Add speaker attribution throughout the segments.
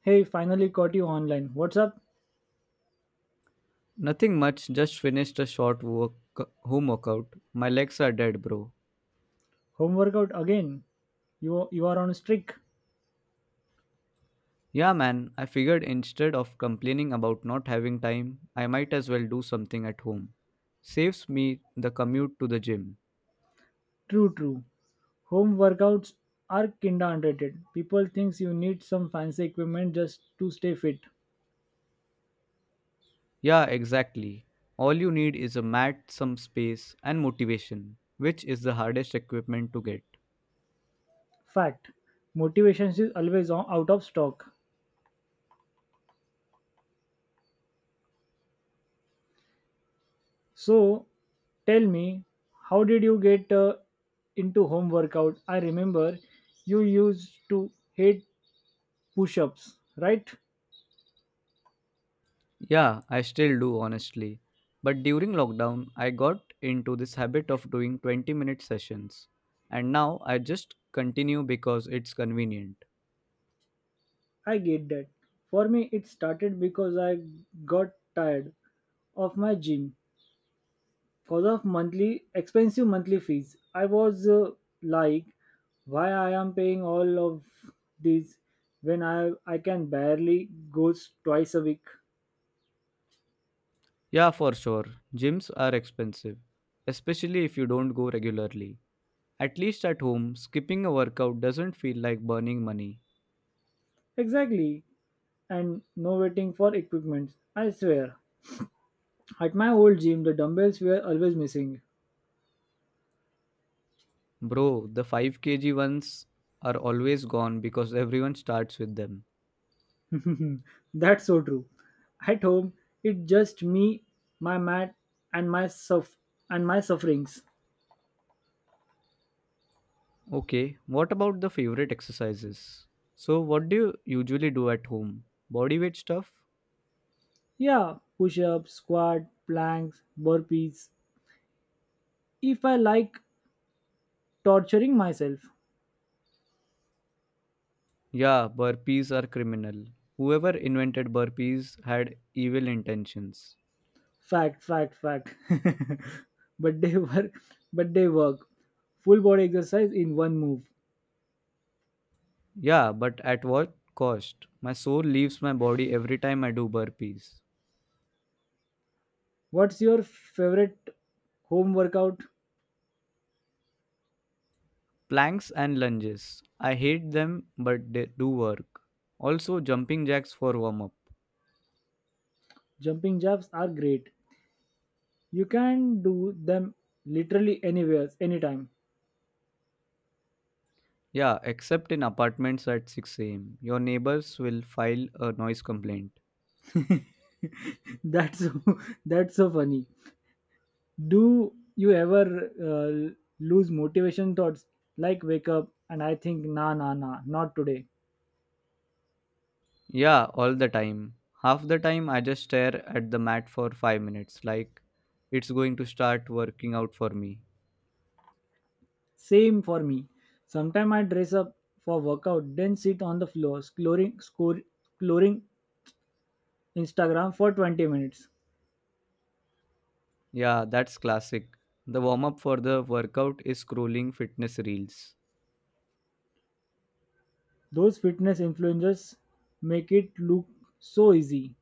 Speaker 1: Hey, finally caught you online. What's up?
Speaker 2: Nothing much, just finished a short work, home workout. My legs are dead, bro.
Speaker 1: Home workout again? You are on a streak.
Speaker 2: Yeah, man, I figured instead of complaining about not having time, I might as well do something at home. Saves me the commute to the gym.
Speaker 1: True, true. Home workouts are kinda underrated. People thinks you need some fancy equipment just to stay fit.
Speaker 2: Yeah, exactly. All you need is a mat, some space, and motivation, which is the hardest equipment to get.
Speaker 1: Fact. Motivation is always out of stock. So, tell me, how did you get into home workout? I remember you used to hate push-ups, right?
Speaker 2: Yeah, I still do honestly. But during lockdown, I got into this habit of doing 20-minute sessions. And now I just continue because it's convenient.
Speaker 1: I get that. For me, it started because I got tired of my gym because of monthly expensive monthly fees. I was like, why I am paying all of these when I can barely go twice a week.
Speaker 2: Yeah, for sure. Gyms are expensive, especially if you don't go regularly. At least at home, skipping a workout doesn't feel like burning money.
Speaker 1: Exactly, and no waiting for equipment. I swear, at my old gym, the dumbbells were always missing.
Speaker 2: Bro, the 5 kg ones are always gone because everyone starts with them.
Speaker 1: That's so true. At home, it's just me, my mat, and my suff and my sufferings.
Speaker 2: Okay, what about the favorite exercises? So, what do you usually do at home? Body weight stuff?
Speaker 1: Yeah, push-ups, squat, planks, burpees. If I like torturing myself,
Speaker 2: Yeah, burpees are criminal. Whoever invented burpees had evil intentions.
Speaker 1: fact, fact, fact. but they work. But they work. Full body exercise in one move.
Speaker 2: Yeah, but at what cost? My soul leaves my body every time I do burpees.
Speaker 1: What's your favorite home workout?
Speaker 2: Planks and lunges. I hate them, but they do work. Also, jumping jacks for warm up.
Speaker 1: Jumping jacks are great. You can do them literally anywhere, anytime.
Speaker 2: Yeah, except in apartments at 6 am. Your neighbors will file a noise complaint.
Speaker 1: that's so, that's so funny. Do you ever uh, lose motivation thoughts like wake up and I think nah nah nah not today.
Speaker 2: Yeah, all the time. Half the time, I just stare at the mat for 5 minutes, like it's going to start working out for me.
Speaker 1: Same for me. Sometimes I dress up for workout then sit on the floor scrolling Instagram for 20 minutes.
Speaker 2: Yeah, that's classic. The warm up for the workout is scrolling fitness reels.
Speaker 1: Those fitness influencers make it look so easy.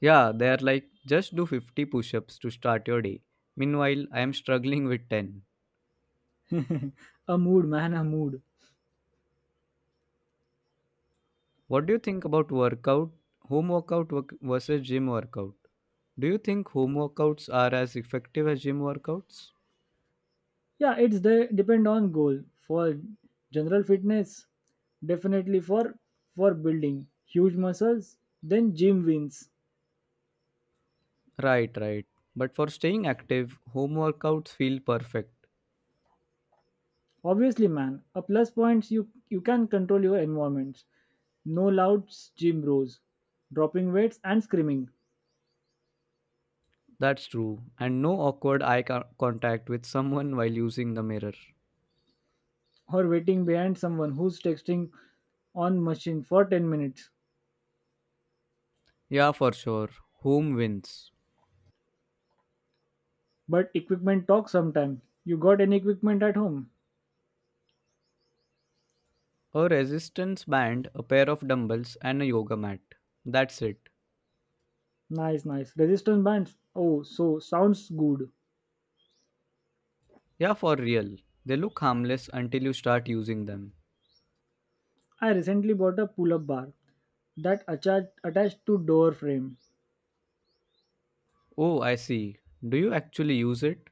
Speaker 2: Yeah, they're like, just do 50 push ups to start your day. Meanwhile, I am struggling with 10.
Speaker 1: a mood man a mood.
Speaker 2: What do you think about workout, home workout work- versus gym workout? Do you think home workouts are as effective as gym workouts?
Speaker 1: Yeah, depend on goal for general fitness definitely for building huge muscles then gym wins.
Speaker 2: Right, right. But for staying active, home workouts feel perfect.
Speaker 1: Obviously man a plus points, you can control your environments, no loud gym bros dropping weights and screaming,
Speaker 2: That's true. And no awkward eye co- contact with someone while using the mirror.
Speaker 1: or waiting behind someone who's texting on machine for 10 minutes.
Speaker 2: Yeah, for sure. Home wins.
Speaker 1: But equipment talks sometime. You got any equipment at home?
Speaker 2: A resistance band, a pair of dumbbells, and a yoga mat. That's it.
Speaker 1: Nice, nice, resistance bands, oh so sounds good.
Speaker 2: Yeah, for real. They look harmless until you start using them.
Speaker 1: I recently bought a pull-up bar that attached to door frame.
Speaker 2: Oh, I see. Do you actually use it?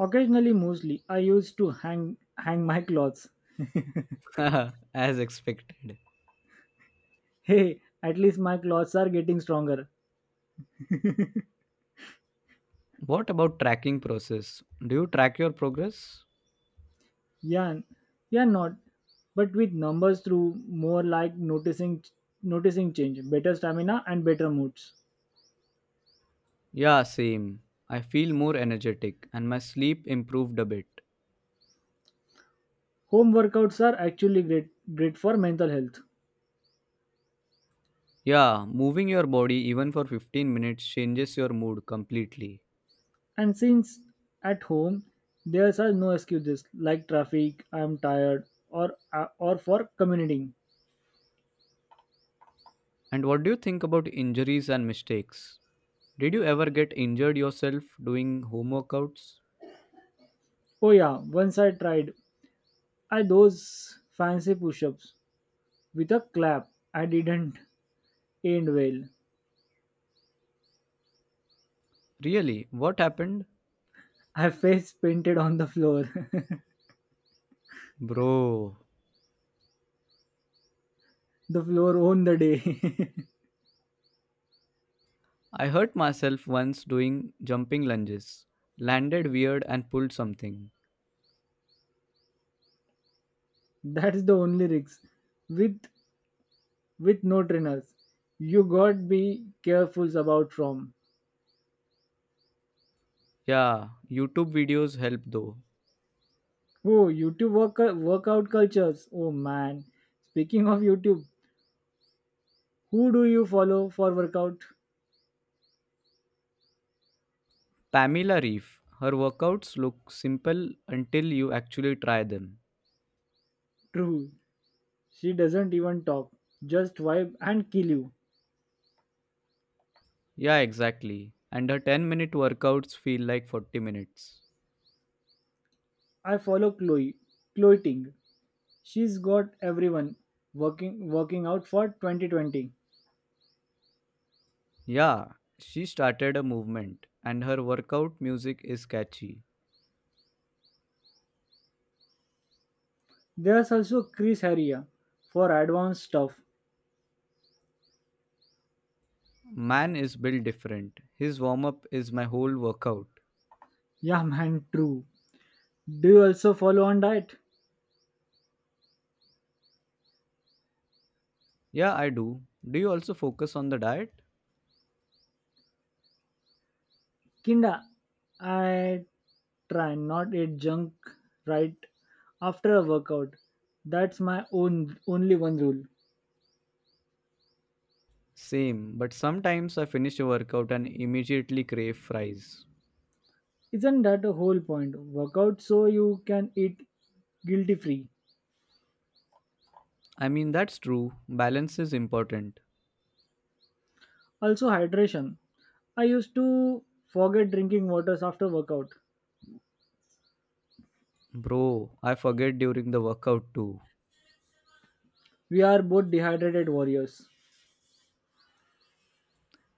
Speaker 1: Occasionally, mostly I used to hang my clothes.
Speaker 2: As expected.
Speaker 1: Hey, at least my clothes are getting stronger.
Speaker 2: What about tracking process? Do you track your progress?
Speaker 1: Yeah, yeah, not. But with numbers through, more like noticing change, better stamina and better moods.
Speaker 2: Yeah, same. I feel more energetic and my sleep improved a bit.
Speaker 1: Home workouts are actually great for mental health.
Speaker 2: Yeah, moving your body even for 15 minutes changes your mood completely.
Speaker 1: And since at home there are no excuses like traffic, I'm tired, or for commuting.
Speaker 2: And what do you think about injuries and mistakes? Did you ever get injured yourself doing home workouts?
Speaker 1: Oh yeah, once I tried. I those fancy push-ups with a clap. I didn't end well.
Speaker 2: Really? What happened?
Speaker 1: I face painted on the floor.
Speaker 2: Bro,
Speaker 1: The floor owned the day.
Speaker 2: I hurt myself once doing jumping lunges, landed weird and pulled something.
Speaker 1: That's the only risk. With with no trainers, you got be careful about from.
Speaker 2: Yeah, YouTube videos help though.
Speaker 1: Oh, workout cultures. Oh man. Speaking of YouTube, who do you follow for workout?
Speaker 2: Pamela Reef. Her workouts look simple until you actually try them.
Speaker 1: True. She doesn't even talk. Just vibe and kill you.
Speaker 2: Yeah, exactly. And her 10-minute workouts feel like 40 minutes.
Speaker 1: I follow Chloe Ting. She's got everyone working out for 2020.
Speaker 2: Yeah, she started a movement, and her workout music is catchy.
Speaker 1: There's also Chris Heria for advanced stuff.
Speaker 2: Man is built different. His warm up is my whole workout.
Speaker 1: Yeah, man, true. Do you also follow on diet?
Speaker 2: Yeah, I do. Do you also focus on the diet?
Speaker 1: Kinda, I try not eat junk right after a workout. That's my own only one rule.
Speaker 2: Same, but sometimes I finish a workout and immediately crave fries.
Speaker 1: Isn't that a whole point? Workout so you can eat guilty free.
Speaker 2: I mean, that's true. Balance is important.
Speaker 1: Also, hydration. I used to forget drinking waters after workout.
Speaker 2: Bro, I forget during the workout too.
Speaker 1: We are both dehydrated warriors.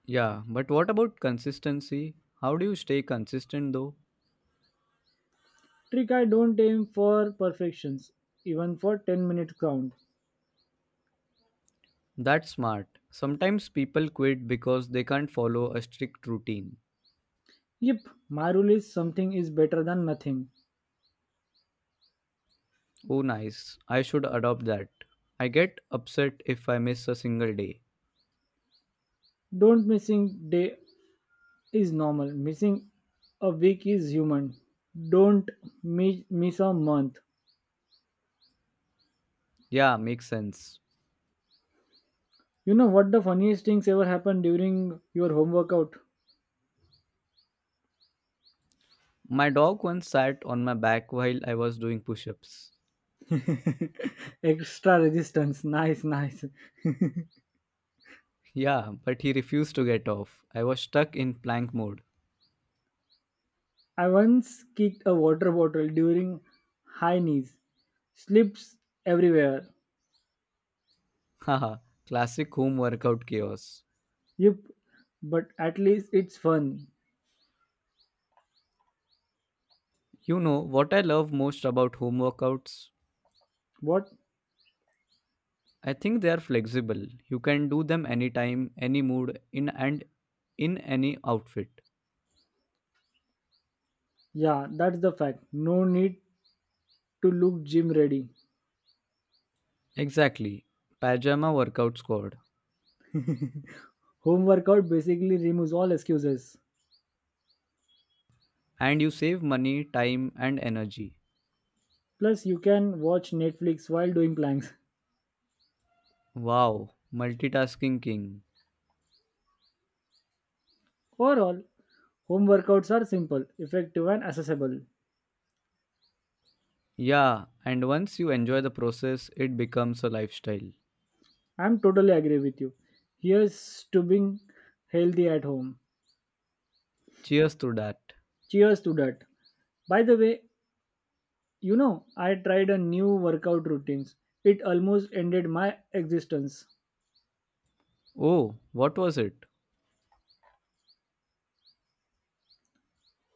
Speaker 2: Yeah, but what about consistency? How do you stay consistent though?
Speaker 1: Trick, I don't aim for perfections, even for 10-minute count.
Speaker 2: That's smart. Sometimes people quit because they can't follow a strict routine.
Speaker 1: Yep, my rule is something is better than nothing.
Speaker 2: Oh, nice. I should adopt that. I get upset if I miss a single day.
Speaker 1: Don't missing day is normal. Missing a week is human. Don't miss a month.
Speaker 2: Yeah, makes sense.
Speaker 1: You know what the funniest things ever happened during your home workout?
Speaker 2: My dog once sat on my back while I was doing push ups.
Speaker 1: Extra resistance. Nice, nice.
Speaker 2: Yeah, but he refused to get off. I was stuck in plank mode.
Speaker 1: I once kicked a water bottle during high knees. Slips everywhere.
Speaker 2: Haha, classic home workout chaos.
Speaker 1: Yep, but at least it's fun.
Speaker 2: You know what I love most about home workouts?
Speaker 1: What?
Speaker 2: I think they are flexible. You can do them anytime, any mood, in and in any outfit.
Speaker 1: Yeah, that's the fact. No need to look gym ready.
Speaker 2: Exactly. Pajama workout squad.
Speaker 1: Home workout basically removes all excuses.
Speaker 2: And you save money, time and energy.
Speaker 1: Plus, you can watch Netflix while doing planks.
Speaker 2: Wow, multitasking king.
Speaker 1: Overall, home workouts are simple, effective, and accessible.
Speaker 2: Yeah, and once you enjoy the process, it becomes a lifestyle.
Speaker 1: I'm totally agree with you. Here's to being healthy at home.
Speaker 2: Cheers to that.
Speaker 1: Cheers to that. By the way, you know, I tried a new workout routines. It almost ended my existence.
Speaker 2: Oh, what was it?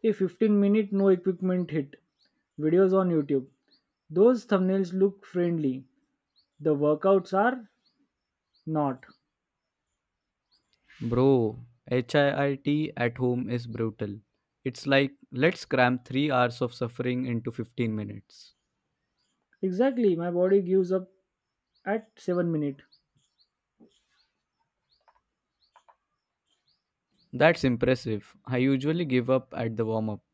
Speaker 1: A 15-minute no equipment hit. Videos on YouTube. Those thumbnails look friendly. The workouts are not.
Speaker 2: Bro, HIIT at home is brutal. It's like, let's cram 3 hours of suffering into 15 minutes.
Speaker 1: Exactly, my body gives up at 7 minute.
Speaker 2: That's impressive. I usually give up at the warm up.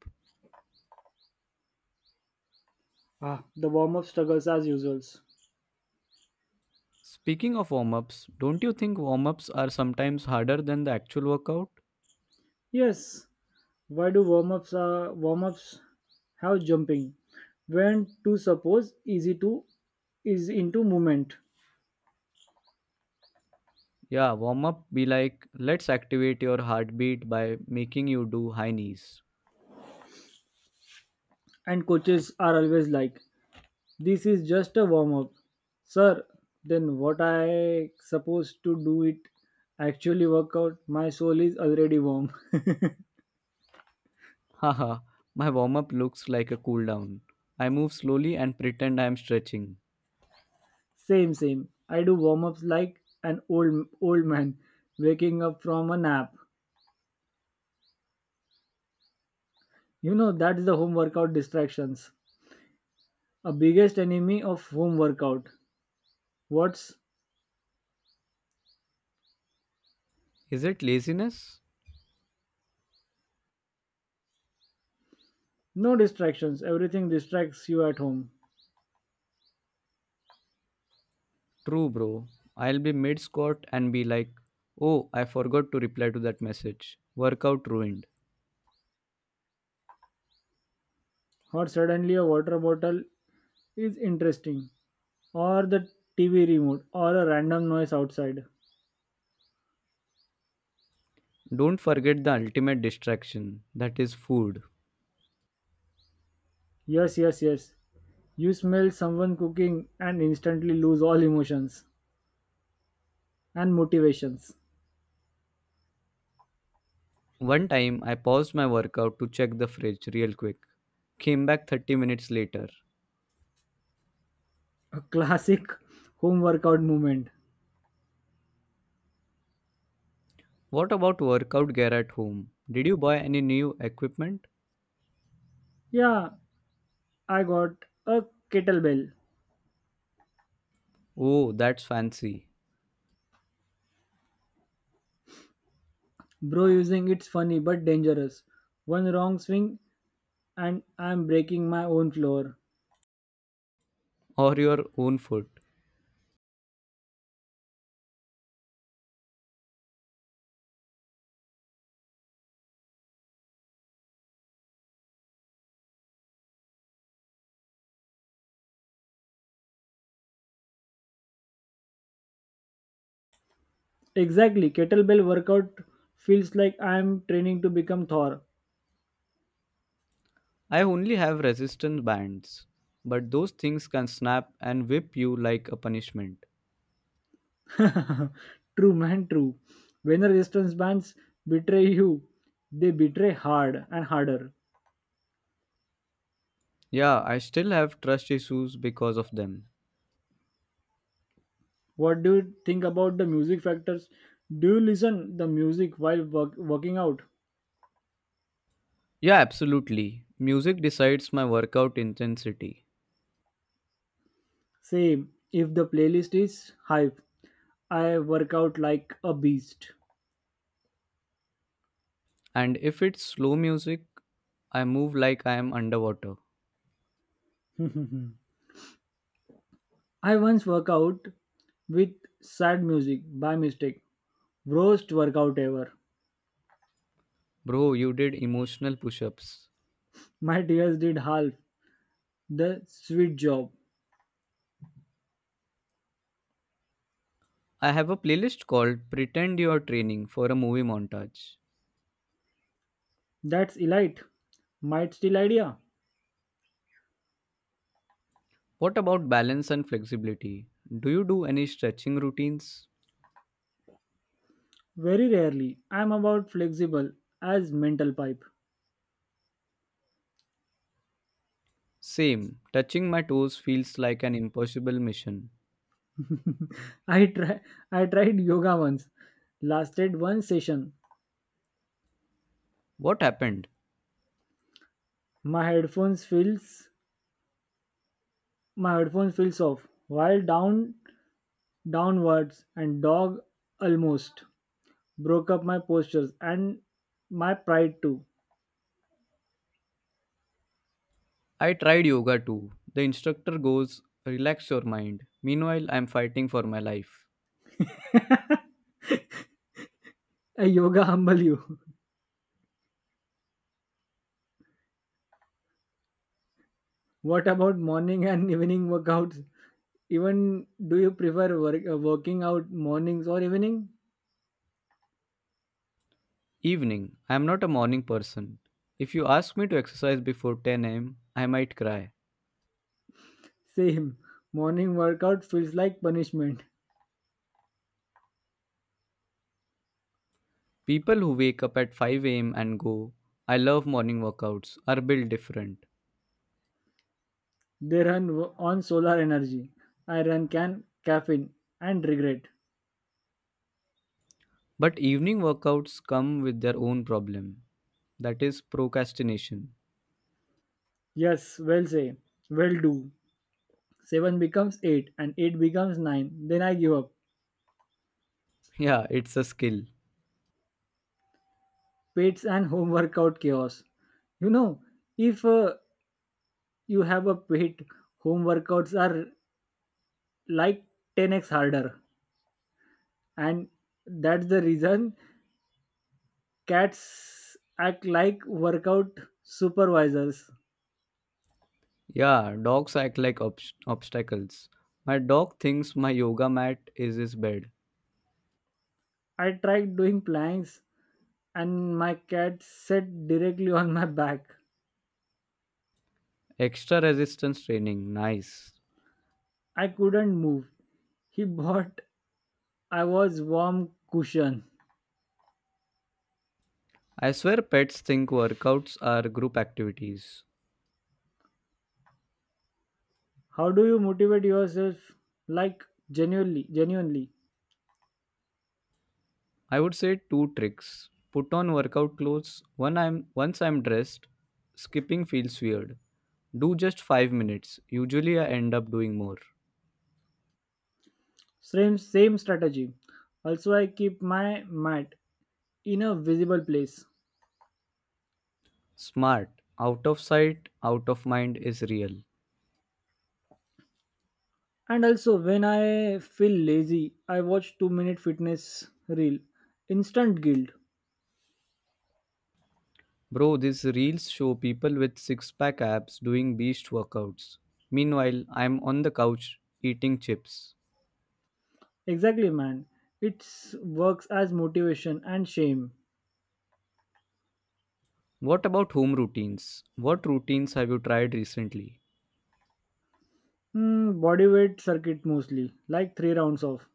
Speaker 1: Ah, the warm up struggles as usual.
Speaker 2: Speaking of warm ups, don't you think warm ups are sometimes harder than the actual workout?
Speaker 1: Yes, why do warm ups have jumping? When to suppose easy to is into movement.
Speaker 2: Yeah, warm up be like, let's activate your heartbeat by making you do high knees.
Speaker 1: And coaches are always like, this is just a warm up. Sir, then what I supposed to do it actually work out? My soul is already warm.
Speaker 2: Haha, my warm up looks like a cool down. I move slowly and pretend I am stretching.
Speaker 1: Same, same. I do warm ups like an old man waking up from a nap. You know that's the home workout distractions. A biggest enemy of home workout. What's
Speaker 2: Is it laziness?
Speaker 1: no distractions? Everything distracts you at home.
Speaker 2: True, bro. I'll be mid squat and be like, oh, I forgot to reply to that message. Workout ruined.
Speaker 1: Or suddenly a water bottle is interesting, or the TV remote or a random noise outside.
Speaker 2: Don't forget the ultimate distraction that is food.
Speaker 1: Yes, yes, yes. You smell someone cooking and instantly lose all emotions and motivations.
Speaker 2: One time, I paused my workout to check the fridge real quick. Came back 30 minutes later.
Speaker 1: A classic home workout movement.
Speaker 2: What about workout gear at home? Did you buy any new equipment?
Speaker 1: Yeah, I got a kettlebell.
Speaker 2: Oh, that's fancy.
Speaker 1: Bro using it's funny but dangerous. One wrong swing and I'm breaking my own floor.
Speaker 2: Or your own foot.
Speaker 1: Exactly, kettlebell workout feels like I'm training to become Thor.
Speaker 2: I only have resistance bands, but those things can snap and whip you like a punishment.
Speaker 1: True, man, true. When the resistance bands betray you, they betray hard and harder.
Speaker 2: Yeah, I still have trust issues because of them.
Speaker 1: What do you think about the music factors? Do you listen the music while working out?
Speaker 2: Yeah, absolutely. Music decides my workout intensity.
Speaker 1: Same. If the playlist is hype, I work out like a beast.
Speaker 2: And if it's slow music, I move like I am underwater.
Speaker 1: I once work out with sad music by mistake. Worst workout ever.
Speaker 2: Bro, you did emotional push ups.
Speaker 1: My tears did half the sweet job.
Speaker 2: I have a playlist called Pretend You Are Training for a Movie Montage.
Speaker 1: That's elite. Might still idea.
Speaker 2: What about balance and flexibility? Do you do any stretching routines?
Speaker 1: Very rarely. I'm about flexible as mental pipe.
Speaker 2: Same. Touching my toes feels like an impossible mission.
Speaker 1: I try I tried yoga once. Lasted one session.
Speaker 2: What happened?
Speaker 1: My headphones feels my headphone feels off. While downwards and dog almost broke up my postures and my pride too.
Speaker 2: I tried yoga too. The instructor goes, Relax your mind. Meanwhile, I am fighting for my life.
Speaker 1: A yoga humble you. What about morning and evening workouts? Even do you prefer working out mornings or evening?
Speaker 2: Evening. I am not a morning person. If you ask me to exercise before 10 a.m., I might cry.
Speaker 1: Same. Morning workout feels like punishment.
Speaker 2: People who wake up at 5 a.m. and go, I love morning workouts, are built different.
Speaker 1: They run on solar energy. I run can caffeine and regret.
Speaker 2: But evening workouts come with their own problem. That is procrastination.
Speaker 1: Yes, well say, well do. 7 becomes 8 and 8 becomes 9. Then I give up.
Speaker 2: Yeah, it's a skill.
Speaker 1: Pets and home workout chaos. You know, if you have a pet, home workouts are like 10x harder. And that's the reason, cats act like workout supervisors.
Speaker 2: Yeah, dogs act like obs- obstacles. My dog thinks my yoga mat is his bed.
Speaker 1: I tried doing planks and my cat sat directly on my back.
Speaker 2: Extra resistance training, nice.
Speaker 1: I couldn't move. He bought I was warm cushion.
Speaker 2: I swear pets think workouts are group activities.
Speaker 1: How do you motivate yourself? Like genuinely, genuinely.
Speaker 2: I would say two tricks. Put on workout clothes. When I'm once I'm dressed, skipping feels weird. Do just 5 minutes. Usually I end up doing more.
Speaker 1: Same same strategy. Also I keep my mat in a visible place.
Speaker 2: Smart. Out of sight, out of mind is real.
Speaker 1: And also when I feel lazy, I watch 2-minute fitness reel. Instant guilt.
Speaker 2: Bro, these reels show people with six pack abs doing beast workouts. Meanwhile, I'm on the couch eating chips.
Speaker 1: Exactly, man. It works as motivation and shame.
Speaker 2: What about home routines? What routines have you tried recently?
Speaker 1: Hmm, body weight circuit mostly, like 3 rounds of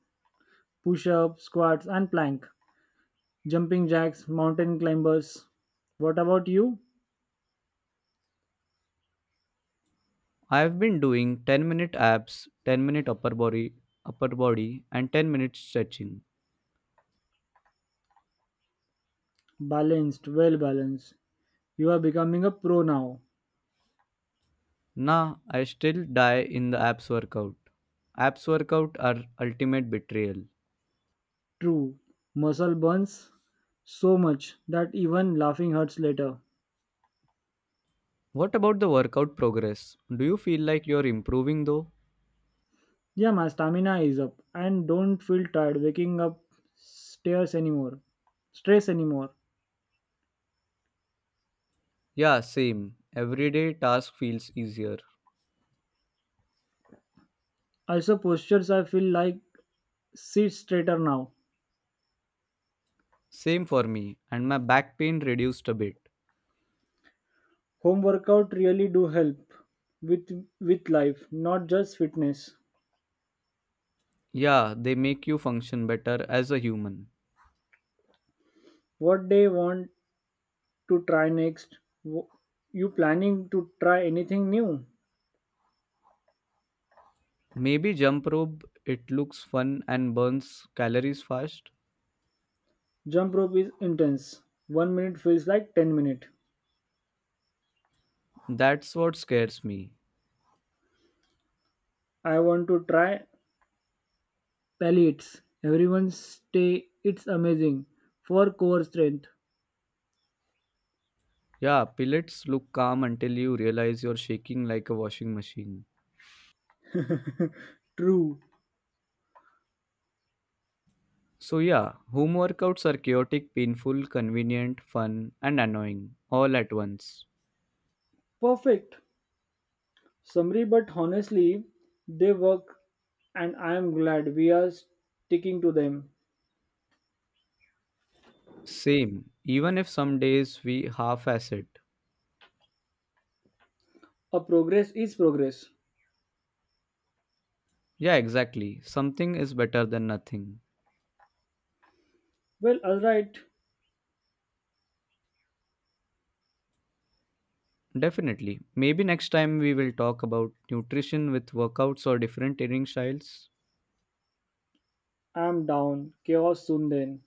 Speaker 1: push up, squats, and plank, jumping jacks, mountain climbers. What about you?
Speaker 2: I've been doing 10-minute abs, 10-minute upper body, and 10-minute stretching.
Speaker 1: Balanced, well balanced. You are becoming a pro now.
Speaker 2: Nah, I still die in the abs workout. Abs workout are ultimate betrayal.
Speaker 1: True. Muscle burns so much that even laughing hurts later.
Speaker 2: What about the workout progress? Do you feel like you're improving though?
Speaker 1: Yeah, my stamina is up and don't feel tired waking up stairs anymore. Stress anymore.
Speaker 2: Yeah, same. Everyday task feels easier.
Speaker 1: Also, postures I feel like sit straighter now.
Speaker 2: Same for me, and my back pain reduced a bit.
Speaker 1: Home workout really do help with with life, not just fitness.
Speaker 2: Yeah, they make you function better as a human.
Speaker 1: What they want to try next? Wh- You planning to try anything new?
Speaker 2: Maybe jump rope, it looks fun and burns calories fast.
Speaker 1: Jump rope is intense. 1 minute feels like 10 minute.
Speaker 2: That's what scares me.
Speaker 1: I want to try pellets. Everyone stay. It's amazing for core strength.
Speaker 2: Yeah, pellets look calm until you realize you're shaking like a washing machine.
Speaker 1: True.
Speaker 2: So, yeah, home workouts are chaotic, painful, convenient, fun, and annoying all at once.
Speaker 1: Perfect. Summary, but honestly, they work, and I am glad we are sticking to them.
Speaker 2: Same, even if some days we half ass it.
Speaker 1: A progress is progress.
Speaker 2: Yeah, exactly. Something is better than nothing.
Speaker 1: Well, alright,
Speaker 2: Definitely. Maybe next time we will talk about nutrition with workouts or different training styles.
Speaker 1: I'm down. Chaos soon then.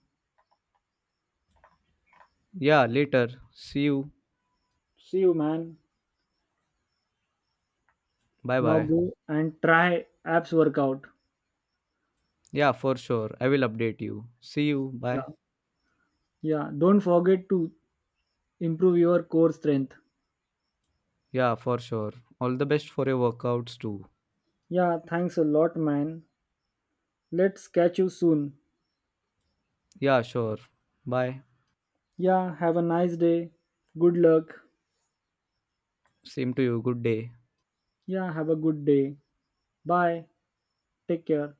Speaker 2: Yeah, later. See you.
Speaker 1: See you, man.
Speaker 2: Bye
Speaker 1: Now
Speaker 2: bye.
Speaker 1: go and try abs workout.
Speaker 2: Yeah, for sure. I will update you. See you. Bye.
Speaker 1: Yeah, yeah. Don't forget to improve your core strength.
Speaker 2: Yeah, for sure. All the best for your workouts too.
Speaker 1: Yeah, thanks a lot, man. Let's catch you soon.
Speaker 2: Yeah, sure. Bye.
Speaker 1: Yeah, have a nice day. Good luck.
Speaker 2: Same to you. Good day.
Speaker 1: Yeah, have a good day. Bye. Take care.